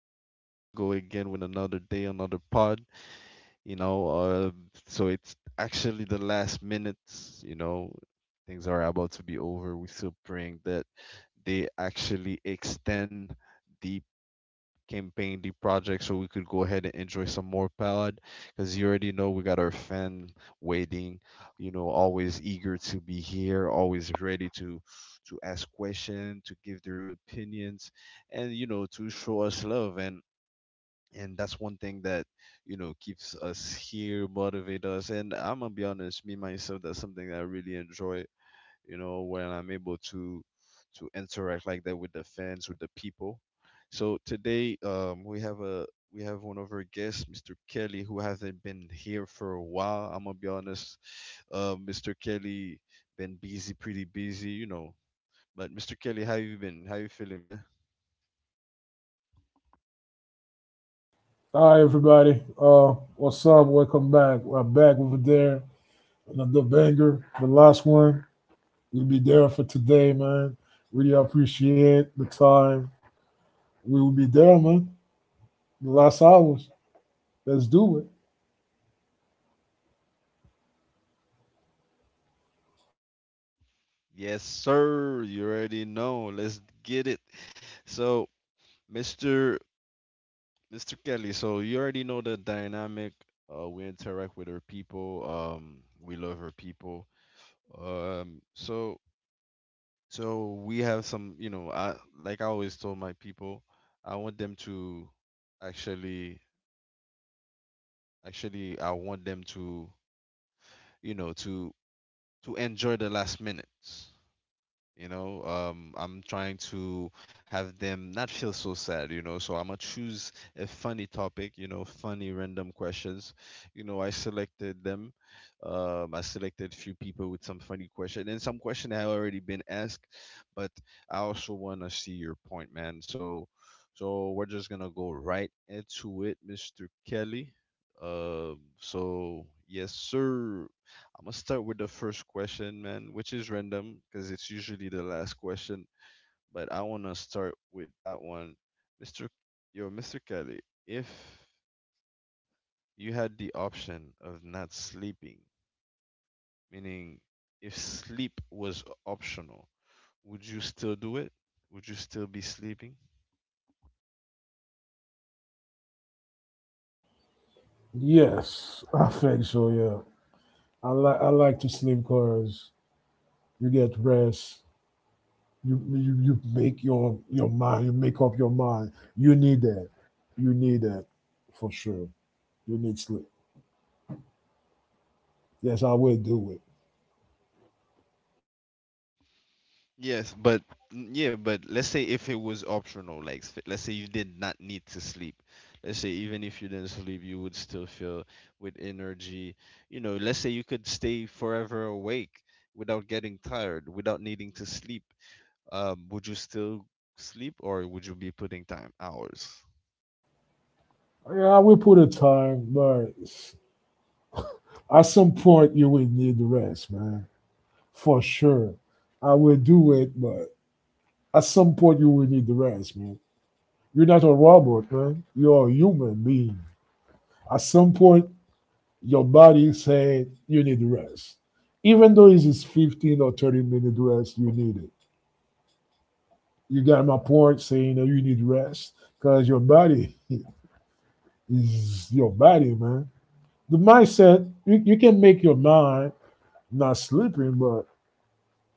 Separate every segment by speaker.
Speaker 1: Call. Here we go again with another day, another pod. You know, uh, so it's actually the last minutes. Things are about to be over. We're still praying that they actually extend the campaign the project so we could go ahead and enjoy some more pod because you already know we got our fan waiting, you know, always eager to be here, always ready to ask questions, to give their opinions, and you know, to show us love, and that's one thing that you know keeps us here, motivate us. And I'm gonna be honest, me myself, that's something that I really enjoy, when I'm able to interact like that with the fans, with the people. So today, we have one of our guests, Mr. Kelly, who hasn't been here for a while. I'm gonna be honest, Mr. Kelly been busy, pretty busy, you know. But Mr. Kelly, how you been? How you feeling, man?
Speaker 2: Hi everybody. What's up? Welcome back. We're back over there. Another banger, the last one. We'll be there for today, man. Really appreciate the time. We will be there, man. The last hours. Let's do it.
Speaker 1: Yes, sir. You already know. Let's get it. So, Mr. Mr. Kelly, so you already know the dynamic. We interact with our people. We love our people. Um, so so we have some, you know, I like I always told my people, I want them to actually, actually, I want them to enjoy the last minutes. I'm trying to have them not feel so sad, you know. So I'm gonna choose a funny topic, you know, funny random questions. You know, I selected them. I selected few people with some funny question and some question that have already been asked, but I also wanna see your point, man. So, we're just gonna go right into it, Mr. Kelly. So yes, sir. I'm gonna start with the first question, man, which is random because it's usually the last question. But I wanna start with that one, Mr. Yo, Mr. Kelly. If you had the option of not sleeping, meaning if sleep was optional, would you still do it? Would you still be sleeping?
Speaker 2: Yes, I think so. Yeah, I like to slim cars. You get rest. You make your mind. You make up your mind. You need that. You need that for sure. You need sleep. Yes, I will do it.
Speaker 1: Yes, but yeah, but let's say if it was optional, like let's say you did not need to sleep. Let's say even if you didn't sleep, you would still feel with energy. You know, let's say you could stay forever awake without getting tired, without needing to sleep. Would you still sleep, or would you be putting time hours?
Speaker 2: Yeah, I will put a time, but at some point you will need the rest, man. For sure. I will do it, but at some point you will need the rest, man. You're not a robot, man. You're a human being. At some point, your body said you need the rest. Even though it's just 15 or 30-minute rest, you need it. You got my point saying that you need rest because your body is your body, man. The mindset, you can make your mind not sleepy, but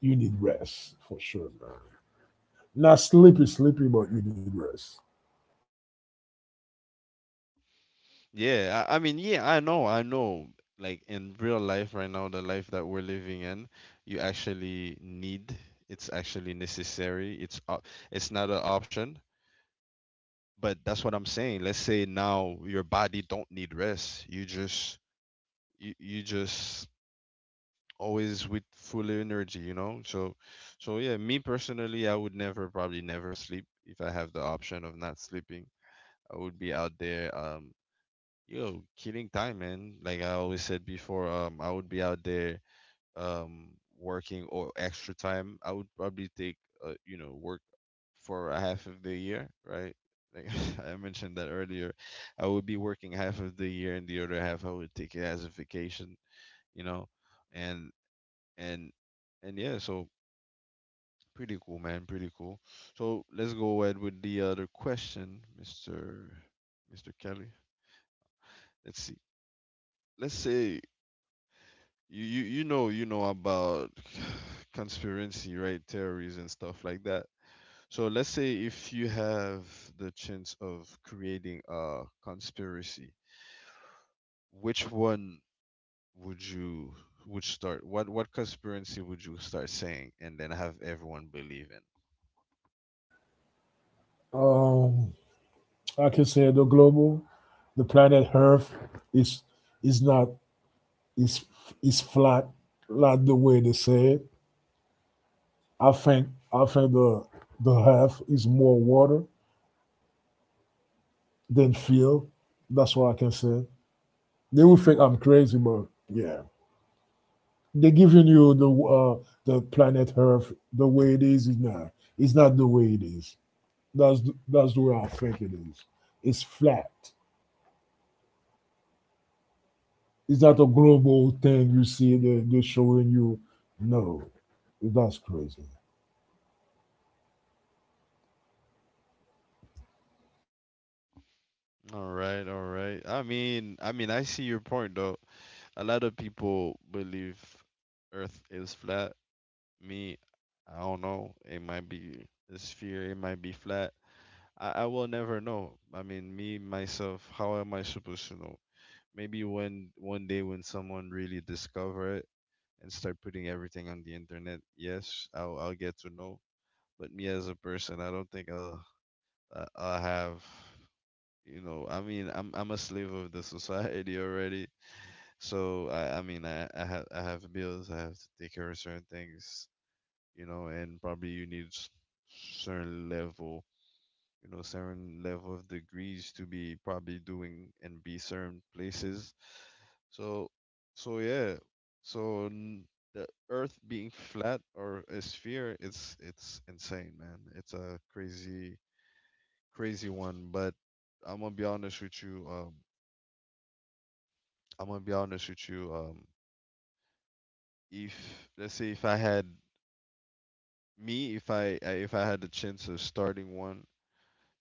Speaker 2: you need rest for sure, man. Not sleepy, sleepy, but you need rest.
Speaker 1: Yeah, I mean, yeah, I know, I know. Like in real life right now, the life that we're living in, you actually need. It's actually necessary. It's not an option. But that's what I'm saying. Let's say now your body don't need rest. You just always with full energy, you know? So yeah, me personally, I would never probably never sleep if I have the option of not sleeping. I would be out there. Yo, killing time, man. Like I always said before, I would be out there, um, working or extra time. I would probably take, you know, work for a half of the year, right? Like I mentioned that earlier, I would be working half of the year, and the other half I would take it as a vacation, you know, and and and yeah. So pretty cool, man, pretty cool. So let's go ahead with the other question, Mister Kelly. Let's see. Let's say you know about conspiracy, right? Theories and stuff like that. So let's say if you have the chance of creating a conspiracy, which one would you would start? What conspiracy would you start saying and then have everyone believe in?
Speaker 2: Um, I can say the global, the planet Earth is is not is is flat like the way they say it. I think the Earth is more water than fuel. That's what I can say. They will think I'm crazy, but yeah, they're giving you the planet Earth the way it is not. It's not the way it is. That's that's the way I think it is. It's flat. Is that a global thing you see that they're showing you? No, that's crazy.
Speaker 1: All right, all right. I mean, I see your point though. A lot of people believe Earth is flat. Me, I don't know. It might be a sphere. It might be flat. I will never know. I mean, me myself, how am I supposed to know? Maybe when one day when someone really discover it and start putting everything on the internet, yes, I'll get to know. But me as a person, I don't think I'll have you know, I mean, I'm a slave of the society already. So I mean I have bills, I have to take care of certain things, you know. And probably you need certain level, you know, certain level of degrees to be probably doing and be certain places. So so yeah. So the earth being flat or a sphere, it's insane, man. It's a crazy one. But I'm gonna be honest with you. I'm gonna be honest with you. If let's say if I had me, if I I- if I had the chance of starting one,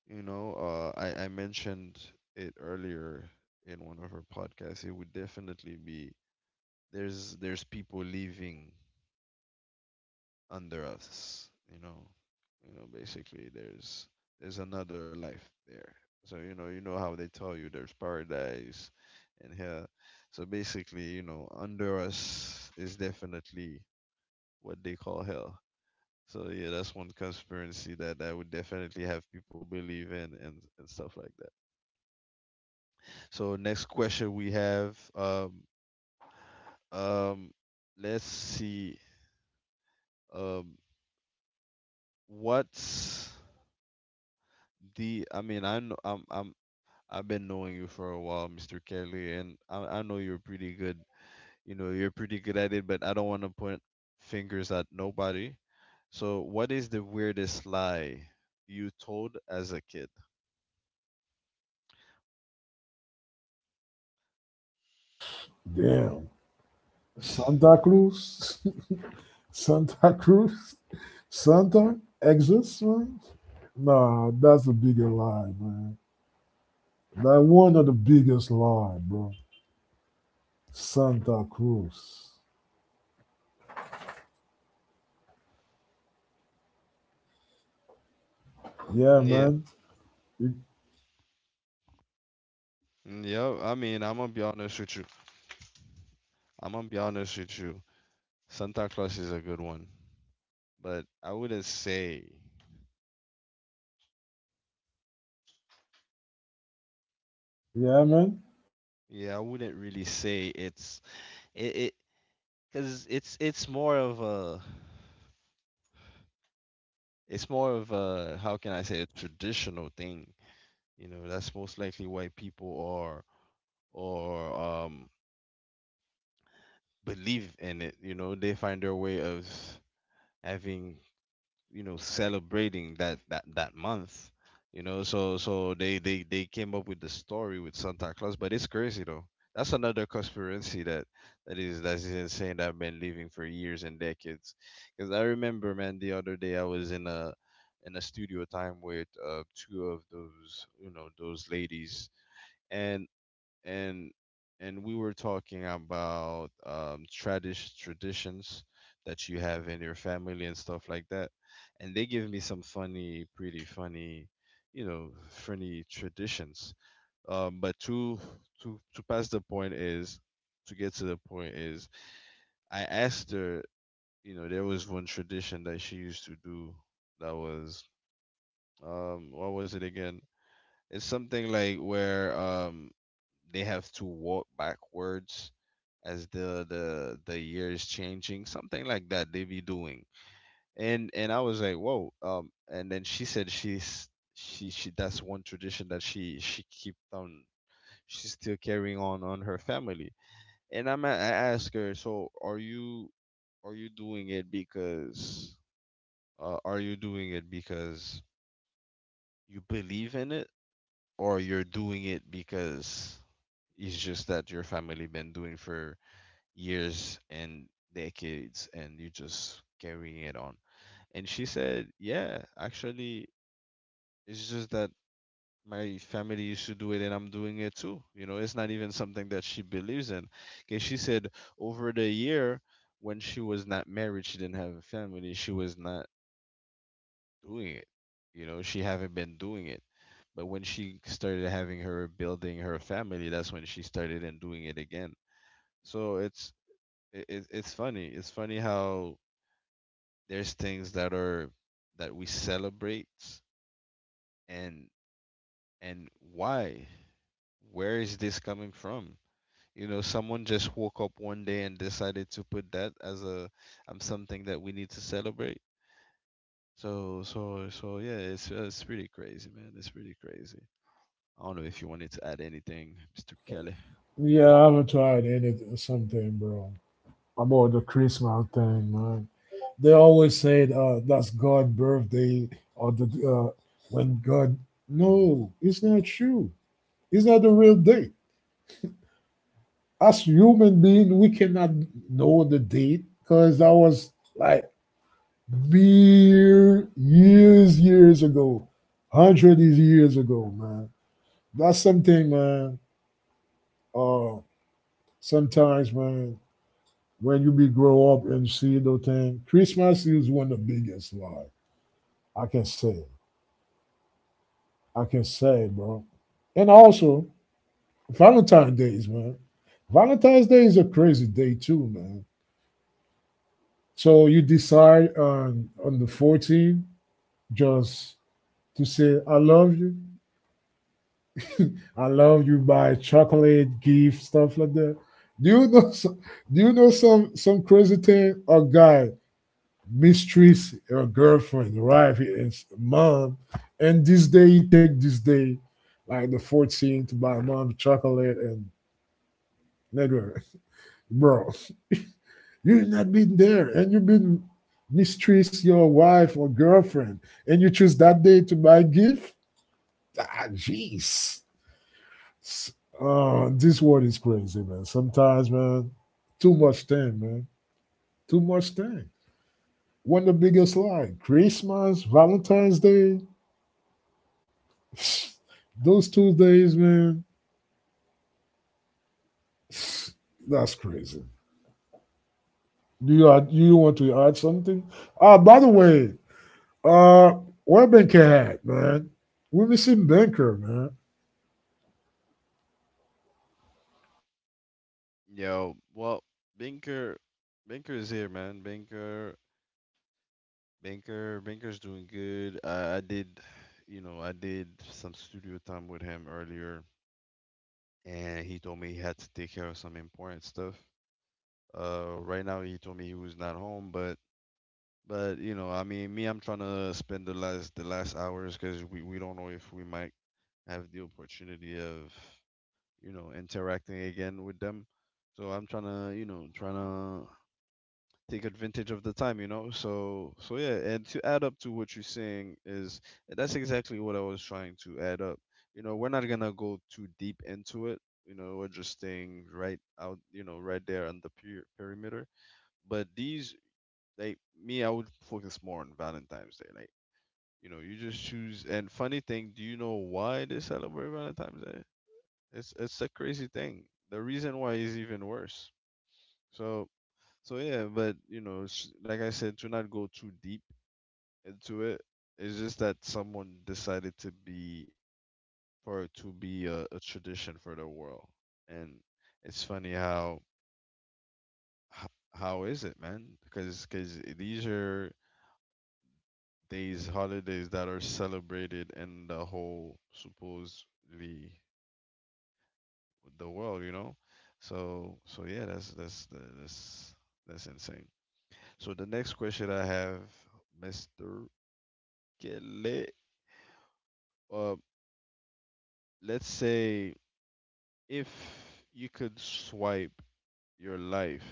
Speaker 1: you know, I mentioned it earlier in one of our podcasts. It would definitely be there's people living under us, you know, you know. Basically, there's another life there. So you know how they tell you there's paradise and hell. So basically, you know, under us is definitely what they call hell. So yeah, that's one conspiracy that would definitely have people believe in, and stuff like that. So next question, we have um let's see, um what's the I mean, I know, I've been knowing you for a while, Mr. Kelly, and I know you're pretty good. You know you're pretty good at it, but I don't want to point fingers at nobody. So what is the weirdest lie you told as a kid?
Speaker 2: Damn, Santa Cruz. Santa Cruz, Santa exists, man. Nah, that's a bigger lie, man. That one of the biggest lie, bro. Santa Cruz. Yeah, yeah,
Speaker 1: Yeah,
Speaker 2: man. You-
Speaker 1: yep. I mean, I'm gonna be honest with you. I'm gonna be honest with you. Santa Claus is a good one, but I wouldn't say.
Speaker 2: yeah, man.
Speaker 1: Yeah, I wouldn't really say it's it it because it's more of a how can I say, a traditional thing. You know, that's most likely why people are or believe in it. You know, they find their way of having, you know, celebrating that month, you know. So they came up with the story with Santa Claus. But it's crazy though. That's another conspiracy that that is insane, that I've been living for years and decades. Because I remember, man, the other day I was in a studio time with two of those, you know, those ladies. And and we were talking about tradish traditions that you have in your family and stuff like that. And they give me some funny, pretty funny, you know, funny traditions. But to pass the point is to get to the point is, I asked her. You know, there was one tradition that she used to do that was what was it again? It's something like where they have to walk backwards as the year is changing, something like that they be doing. And I was like, whoa. And then she said she's she that's one tradition that she kept on, she's still carrying on her family. And I asked her, so are you doing it because, uh, are you doing it because you believe in it, or you're doing it because it's just that your family been doing for years and decades, and you're just carrying it on. And she said, yeah, actually, it's just that my family used to do it and I'm doing it too. You know, it's not even something that she believes in. Because she said over the year when she was not married, she didn't have a family, she was not doing it. You know, she haven't been doing it. But when she started having her building her family, that's when she started and doing it again. So it's funny. It's funny how there's things that are that we celebrate, and why? Where is this coming from? You know, someone just woke up one day and decided to put that as a something that we need to celebrate. So yeah, it's pretty crazy, man. It's pretty crazy. I don't know if you wanted to add anything, Mr. Kelly.
Speaker 2: Yeah, I haven't tried anything, something, bro. About the Christmas thing, man. They always said that's God's birthday or the when God. No, it's not true. It's not the real date. As human being, we cannot know the date because that was like mere years, years ago, hundreds of years ago, man. That's something, man. Uh, Sometimes, man, when you be grow up and see those things, Christmas is one of the biggest lie. I can say, I can say, bro. And also, Valentine's Days, man. Valentine's Day is a crazy day too, man. So you decide on the 14th just to say I love you. I love you by chocolate, gift, stuff like that. Do you know do you know some crazy thing? A guy mistreats a girlfriend, right? His mom, and this day he take this day, like the 14th, to buy mom chocolate and nigga, bro. You've not been there and you've been mistreats your wife or girlfriend and you choose that day to buy a gift? Ah, jeez. This world is crazy, man. Sometimes, man, too much thing, man. Too much thing. One of the biggest lie. Christmas, Valentine's Day, those two days, man, that's crazy. Do you add, you want to add something? Ah, by the way, uh, what Banker had, man? We're missing Banker, man.
Speaker 1: Yo, well, Binker, Binker is here, man. Binker Banker, Banker's doing good. I did, you know, I did some studio time with him earlier, and he told me he had to take care of some important stuff. Right now he told me he was not home, but you know, I mean, me, I'm trying to spend the last hours, because we don't know if we might have the opportunity of, you know, interacting again with them. So I'm trying to take advantage of the time. So yeah, and to add up to what you're saying is that's exactly what I was trying to add up. We're not gonna go too deep into it. We're just staying right out, right there on the perimeter. But these, like me, I would focus more on Valentine's Day. Like, you just choose. And funny thing, do you know why they celebrate Valentine's Day? It's a crazy thing. The reason why is even worse. So so yeah, but like I said, to not go too deep into it, it's just that someone decided to be for it to be a tradition for the world, and it's funny how how is it, man? Because these are days, holidays that are celebrated in the whole supposedly the world. So yeah, that's that's insane. So the next question I have, Mister Kelly, uh, let's say if you could swipe your life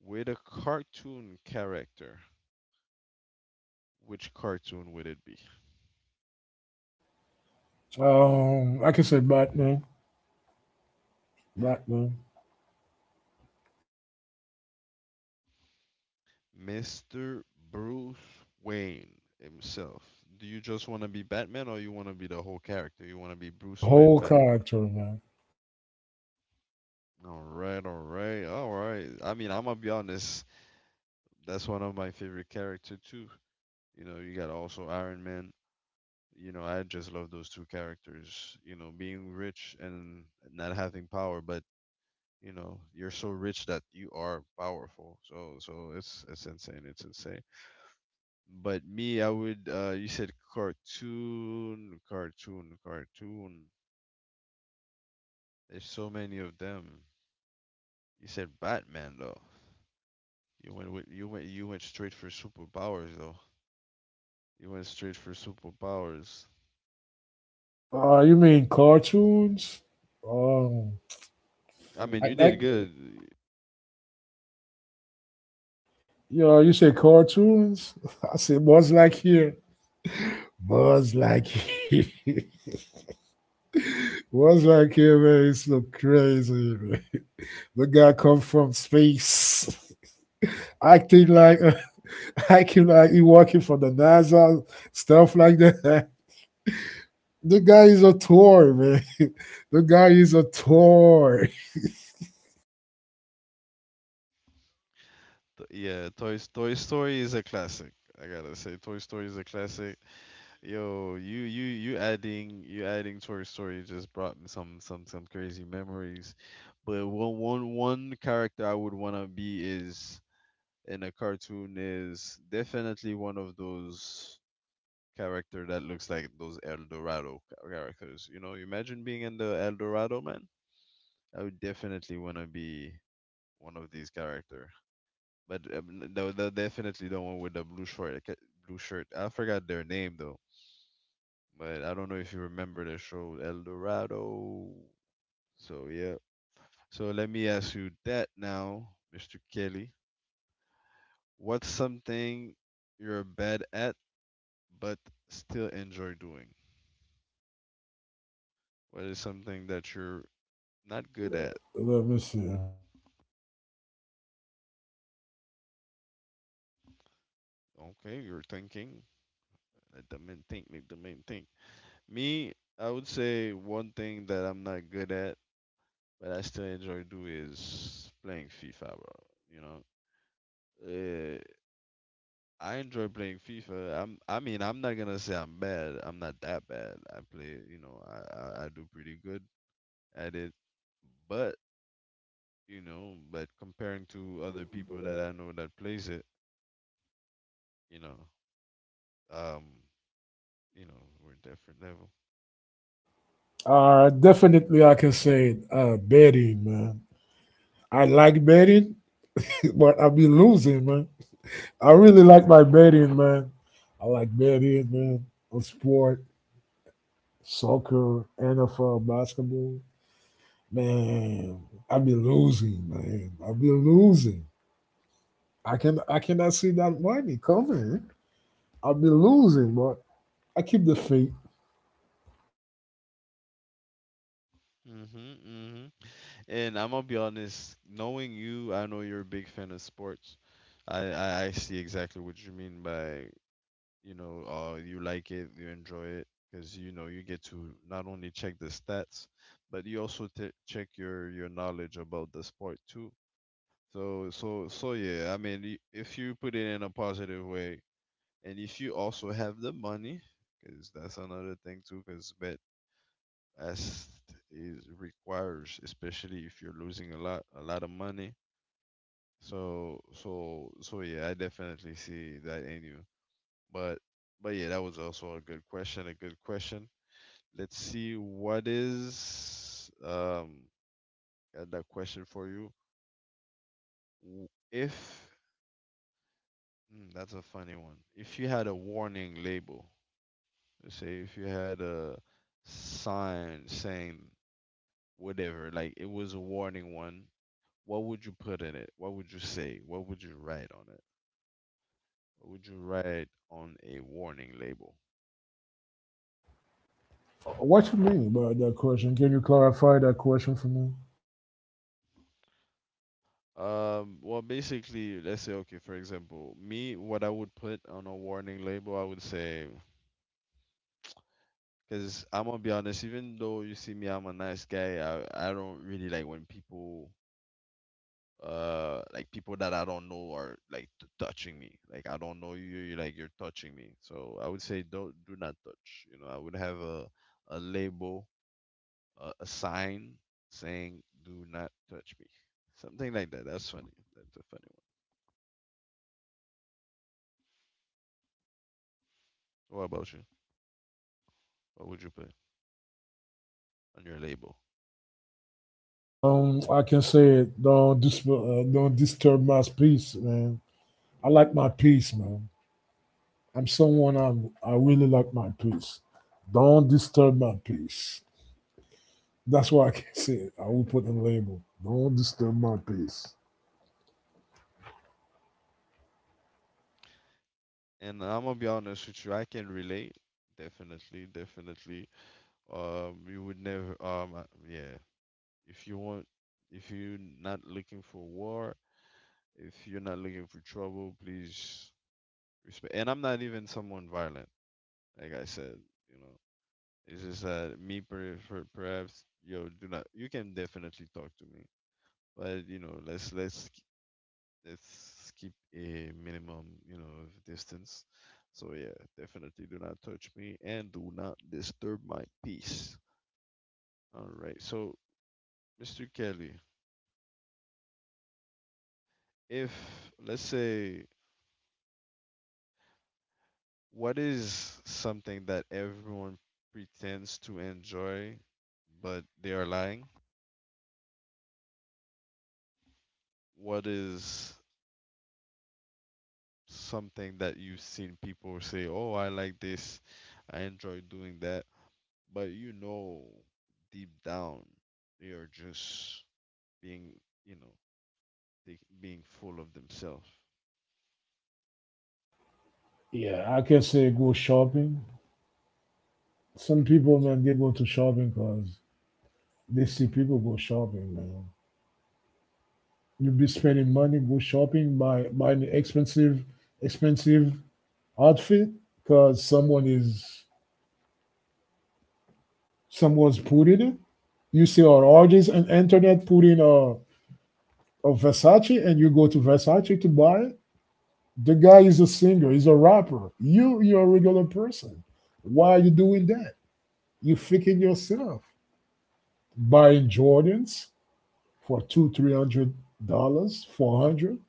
Speaker 1: with a cartoon character, which cartoon would it be?
Speaker 2: I can say Batman. Batman.
Speaker 1: Mr. Bruce Wayne himself. Do you just want to be Batman or you want to be the whole character? You want to be
Speaker 2: The
Speaker 1: Bruce Wayne
Speaker 2: whole
Speaker 1: Bat?
Speaker 2: character, man.
Speaker 1: All right, all right, all right. I mean, I'm gonna be honest. That's one of my favorite character too. You got also Iron Man. I just love those two characters. Being rich and not having power, but you're so rich that you are powerful. So, it's insane. It's insane. But me, I would. You said cartoon. There's so many of them. You said Batman though. You went straight for superpowers though. You went straight for superpowers.
Speaker 2: You mean cartoons? Um,
Speaker 1: I mean,
Speaker 2: I,
Speaker 1: you did
Speaker 2: I,
Speaker 1: good.
Speaker 2: you know, you say cartoons? I say Buzz Lightyear. Buzz Lightyear. Buzz Lightyear, man, it's look crazy, man. The guy come from space, acting like, acting like he working for the NASA, stuff like that. The guy is a toy, man. The guy is a toy.
Speaker 1: Yeah, Toy Story is a classic. I gotta say, Toy Story is a classic. Yo, you adding Toy Story just brought me some crazy memories. But one character I would wanna be is in a cartoon is definitely one of those character that looks like those El Dorado characters. Imagine being in the El Dorado, man. I would definitely wanna be one of these character. But no, no, definitely the one with the blue shirt. Blue shirt. I forgot their name though, but I don't know if you remember the show El Dorado. So yeah. So let me ask you that now, Mr. Kelly. What's something you're bad at but still enjoy doing? What is something that you're not good at?
Speaker 2: Let me see.
Speaker 1: Okay, you're thinking. Let the men think. Let the men think. Me, I would say one thing that I'm not good at but I still enjoy do is playing FIFA, bro. You know, uh, I enjoy playing FIFA. I mean, I'm not gonna say I'm bad. I'm not that bad. I play, I do pretty good at it. But but comparing to other people that I know that plays it, you know, um, we're a different level.
Speaker 2: Definitely, I can say it, betting, man. I like betting, but I be losing, man. I really like my betting, man. I like betting, man, on sport, soccer, NFL, basketball. Man, I be losing, man. I be losing. I cannot see that money coming. I be losing, but I keep the faith.
Speaker 1: Mhm, mhm. And I'm gonna be honest, knowing you, I know you're a big fan of sports. I see exactly what you mean by you enjoy it, because you get to not only check the stats, but you also check your knowledge about the sport too. So yeah, I mean, if you put it in a positive way, and if you also have the money, because that's another thing too, because bet as is requires, especially if you're losing a lot of money. So yeah, I definitely see that in you. But yeah, that was also a good question. A good question. Let's see what is got that question for you. W- If hmm, That's a funny one. If you had a warning label, let's say if you had a sign saying whatever, like it was a warning one, what would you put in it? What would you say? What would you write on it? What would you write on a warning label?
Speaker 2: What you mean by that question? Can you clarify that question for me?
Speaker 1: Well, basically, let's say, okay, for example, me, what I would put on a warning label, I would say, because I'm gonna be honest, even though you see me, I'm a nice guy, I don't really like when people, like people that I don't know are like touching me. Like, I don't know you, you're like, you're touching me. So I would say, don't, do not touch. I would have a label, a sign saying, do not touch me. Something like that. That's funny. That's a funny one. What about you? What would you put on your label?
Speaker 2: I can say it. Don't disturb my peace, man. I like my peace, man. I'm someone I'm. I really like my peace. Don't disturb my peace. That's what I can say. I will put a label. Don't disturb my peace.
Speaker 1: And I'm gonna be honest with you, I can relate. Definitely, definitely. You would never. Yeah. If you want, if you're not looking for war, if you're not looking for trouble, please respect. And I'm not even someone violent, like I said. You know, it's just that me, perhaps, yo, do not. You can definitely talk to me, but let's keep a minimum of distance. So yeah, definitely do not touch me and do not disturb my peace. All right. So, Mr. Kelly, if let's say what is something that everyone pretends to enjoy but they are lying? What is something that you've seen people say, "Oh, I like this. I enjoy doing that." But deep down they are just being, you know, they being full of themselves.
Speaker 2: Yeah, I can say go shopping. Some people, man, they go to shopping because they see people go shopping, man. You be spending money, go shopping, buy an expensive, expensive outfit because someone's putting it. You see our artists on all these and internet putting a Versace, and you go to Versace to buy it. The guy is a singer, he's a rapper. You're a regular person. Why are you doing that? You faking yourself. Buying Jordans for two, $300, 400.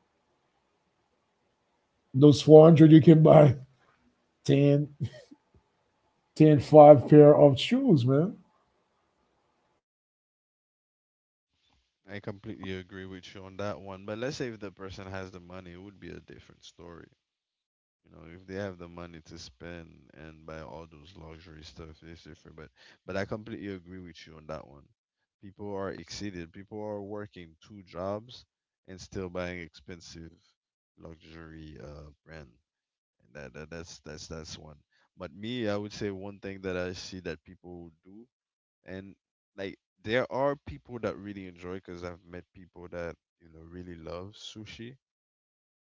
Speaker 2: Those 400, you can buy ten, ten, five pair of shoes, man.
Speaker 1: I completely agree with you on that one. But let's say if the person has the money, it would be a different story. If they have the money to spend and buy all those luxury stuff, it's different. But I completely agree with you on that one. People are exceeded. People are working 2 jobs and still buying expensive luxury brand. And that's one. But me, I would say one thing that I see that people do and like there are people that really enjoy because I've met people that really love sushi,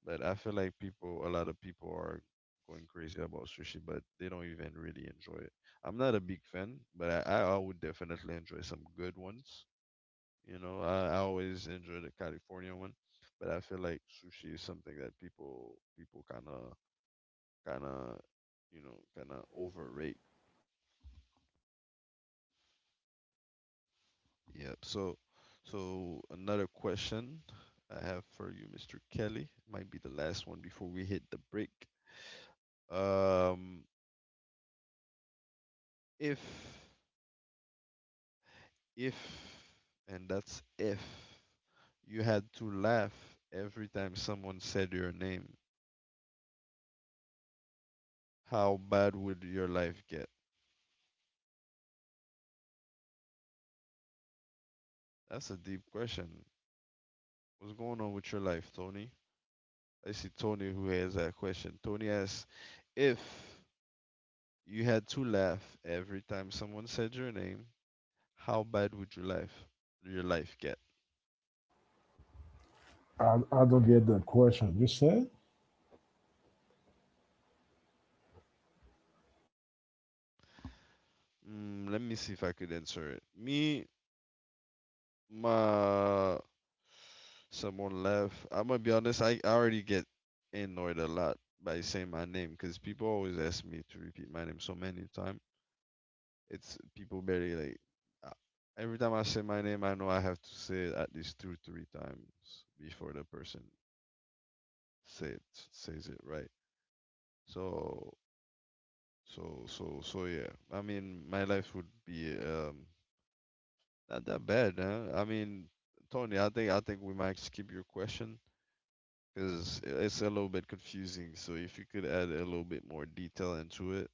Speaker 1: but I feel like people, a lot of people are going crazy about sushi, but they don't even really enjoy it. I'm not a big fan, but I would definitely enjoy some good ones. I always enjoy the California one, but I feel like sushi is something that people kind of kind of overrate. Yep. So, another question I have for you, Mr. Kelly, might be the last one before we hit the break. Um, if, if, and that's if you had to laugh every time someone said your name, how bad would your life get? That's a deep question. What's going on with your life, Tony? I see Tony who has that question. Tony asks, if you had to laugh every time someone said your name, how bad would your life get?
Speaker 2: I don't get that question. You said,
Speaker 1: Let me see if I could answer it. Me, my someone left. I'm gonna be honest. I already get annoyed a lot by saying my name because people always ask me to repeat my name so many times. It's people barely like. uh, Every time I say my name, I know I have to say it at least two, three times before the person say it, says it right. So, so, yeah. I mean, my life would be not that bad, man. I mean, Tony, I think we might skip your question because it's a little bit confusing. So if you could add a little bit more detail into it,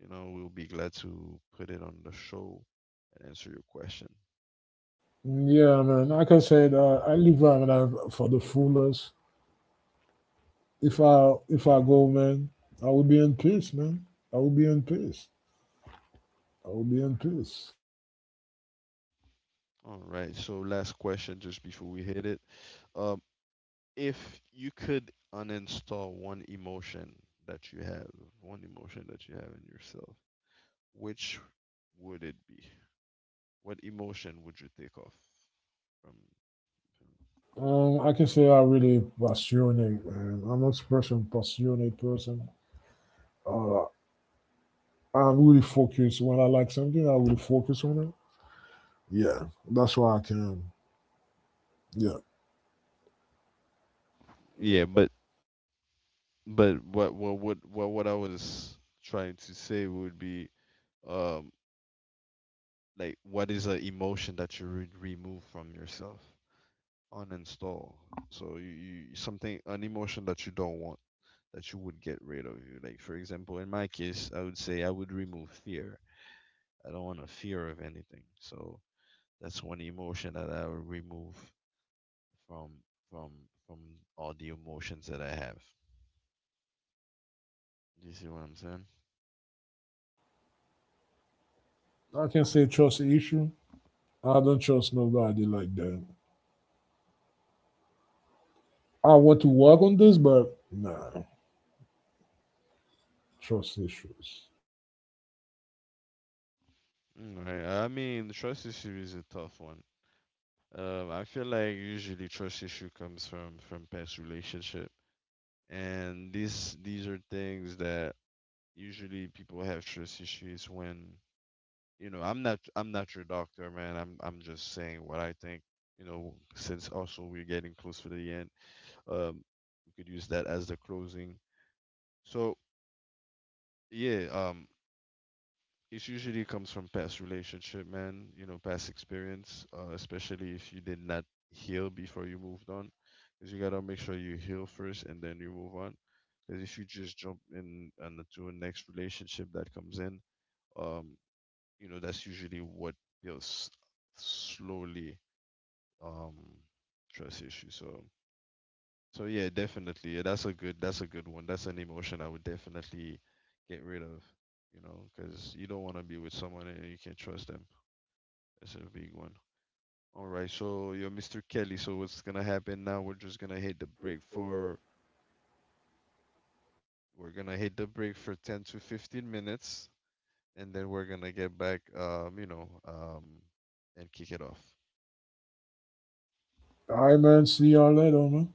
Speaker 1: we'll be glad to put it on the show and answer your question.
Speaker 2: mm, yeah, man. Like I said, I live for the fullest. If I go, man, I will be in peace, man. I will be in peace. I will be in peace.
Speaker 1: All right. So last question, just before we hit it. Um, if you could uninstall one emotion that you have, one emotion that you have in yourself, which would it be? What emotion would you take off from?
Speaker 2: I can say I'm really passionate, man. I'm an expression passionate person. I'm really focused. When I like something, I really focus on it. Yeah, that's why I can. Yeah,
Speaker 1: Yeah, but what I was trying to say would be um like what is an emotion that you would remove from yourself? Uninstall. So you something an emotion that you don't want that you would get rid of you. Like for example, in my case, I would say I would remove fear. I don't want a fear of anything. So that's one emotion that I would remove from from from all the emotions that I have. Do you see what I'm saying?
Speaker 2: I can say trust issue. I don't trust nobody like that. I want to work on this, but nah, trust issues.
Speaker 1: Right. I mean, trust issue is a tough one. I feel like usually trust issue comes from past relationship, and these are things that usually people have trust issues when you know I'm not your doctor, man. I'm just saying what I think. Since also we're getting close to the end, um, we could use that as the closing. So yeah, it usually comes from past relationship, man. Past experience, especially if you did not heal before you moved on, because you gotta make sure you heal first and then you move on. Because if you just jump in and to a next relationship that comes in, um, that's usually what builds slowly um trust issue. So, yeah, definitely, yeah, that's a good one. That's an emotion I would definitely get rid of, because you don't want to be with someone and you can't trust them. That's a big one. All right, so you're Mr. Kelly. So what's gonna happen now? We're gonna hit the break for 10 to 15 minutes, and then we're gonna get back and kick it off.
Speaker 2: All right, man. See y'all later, man.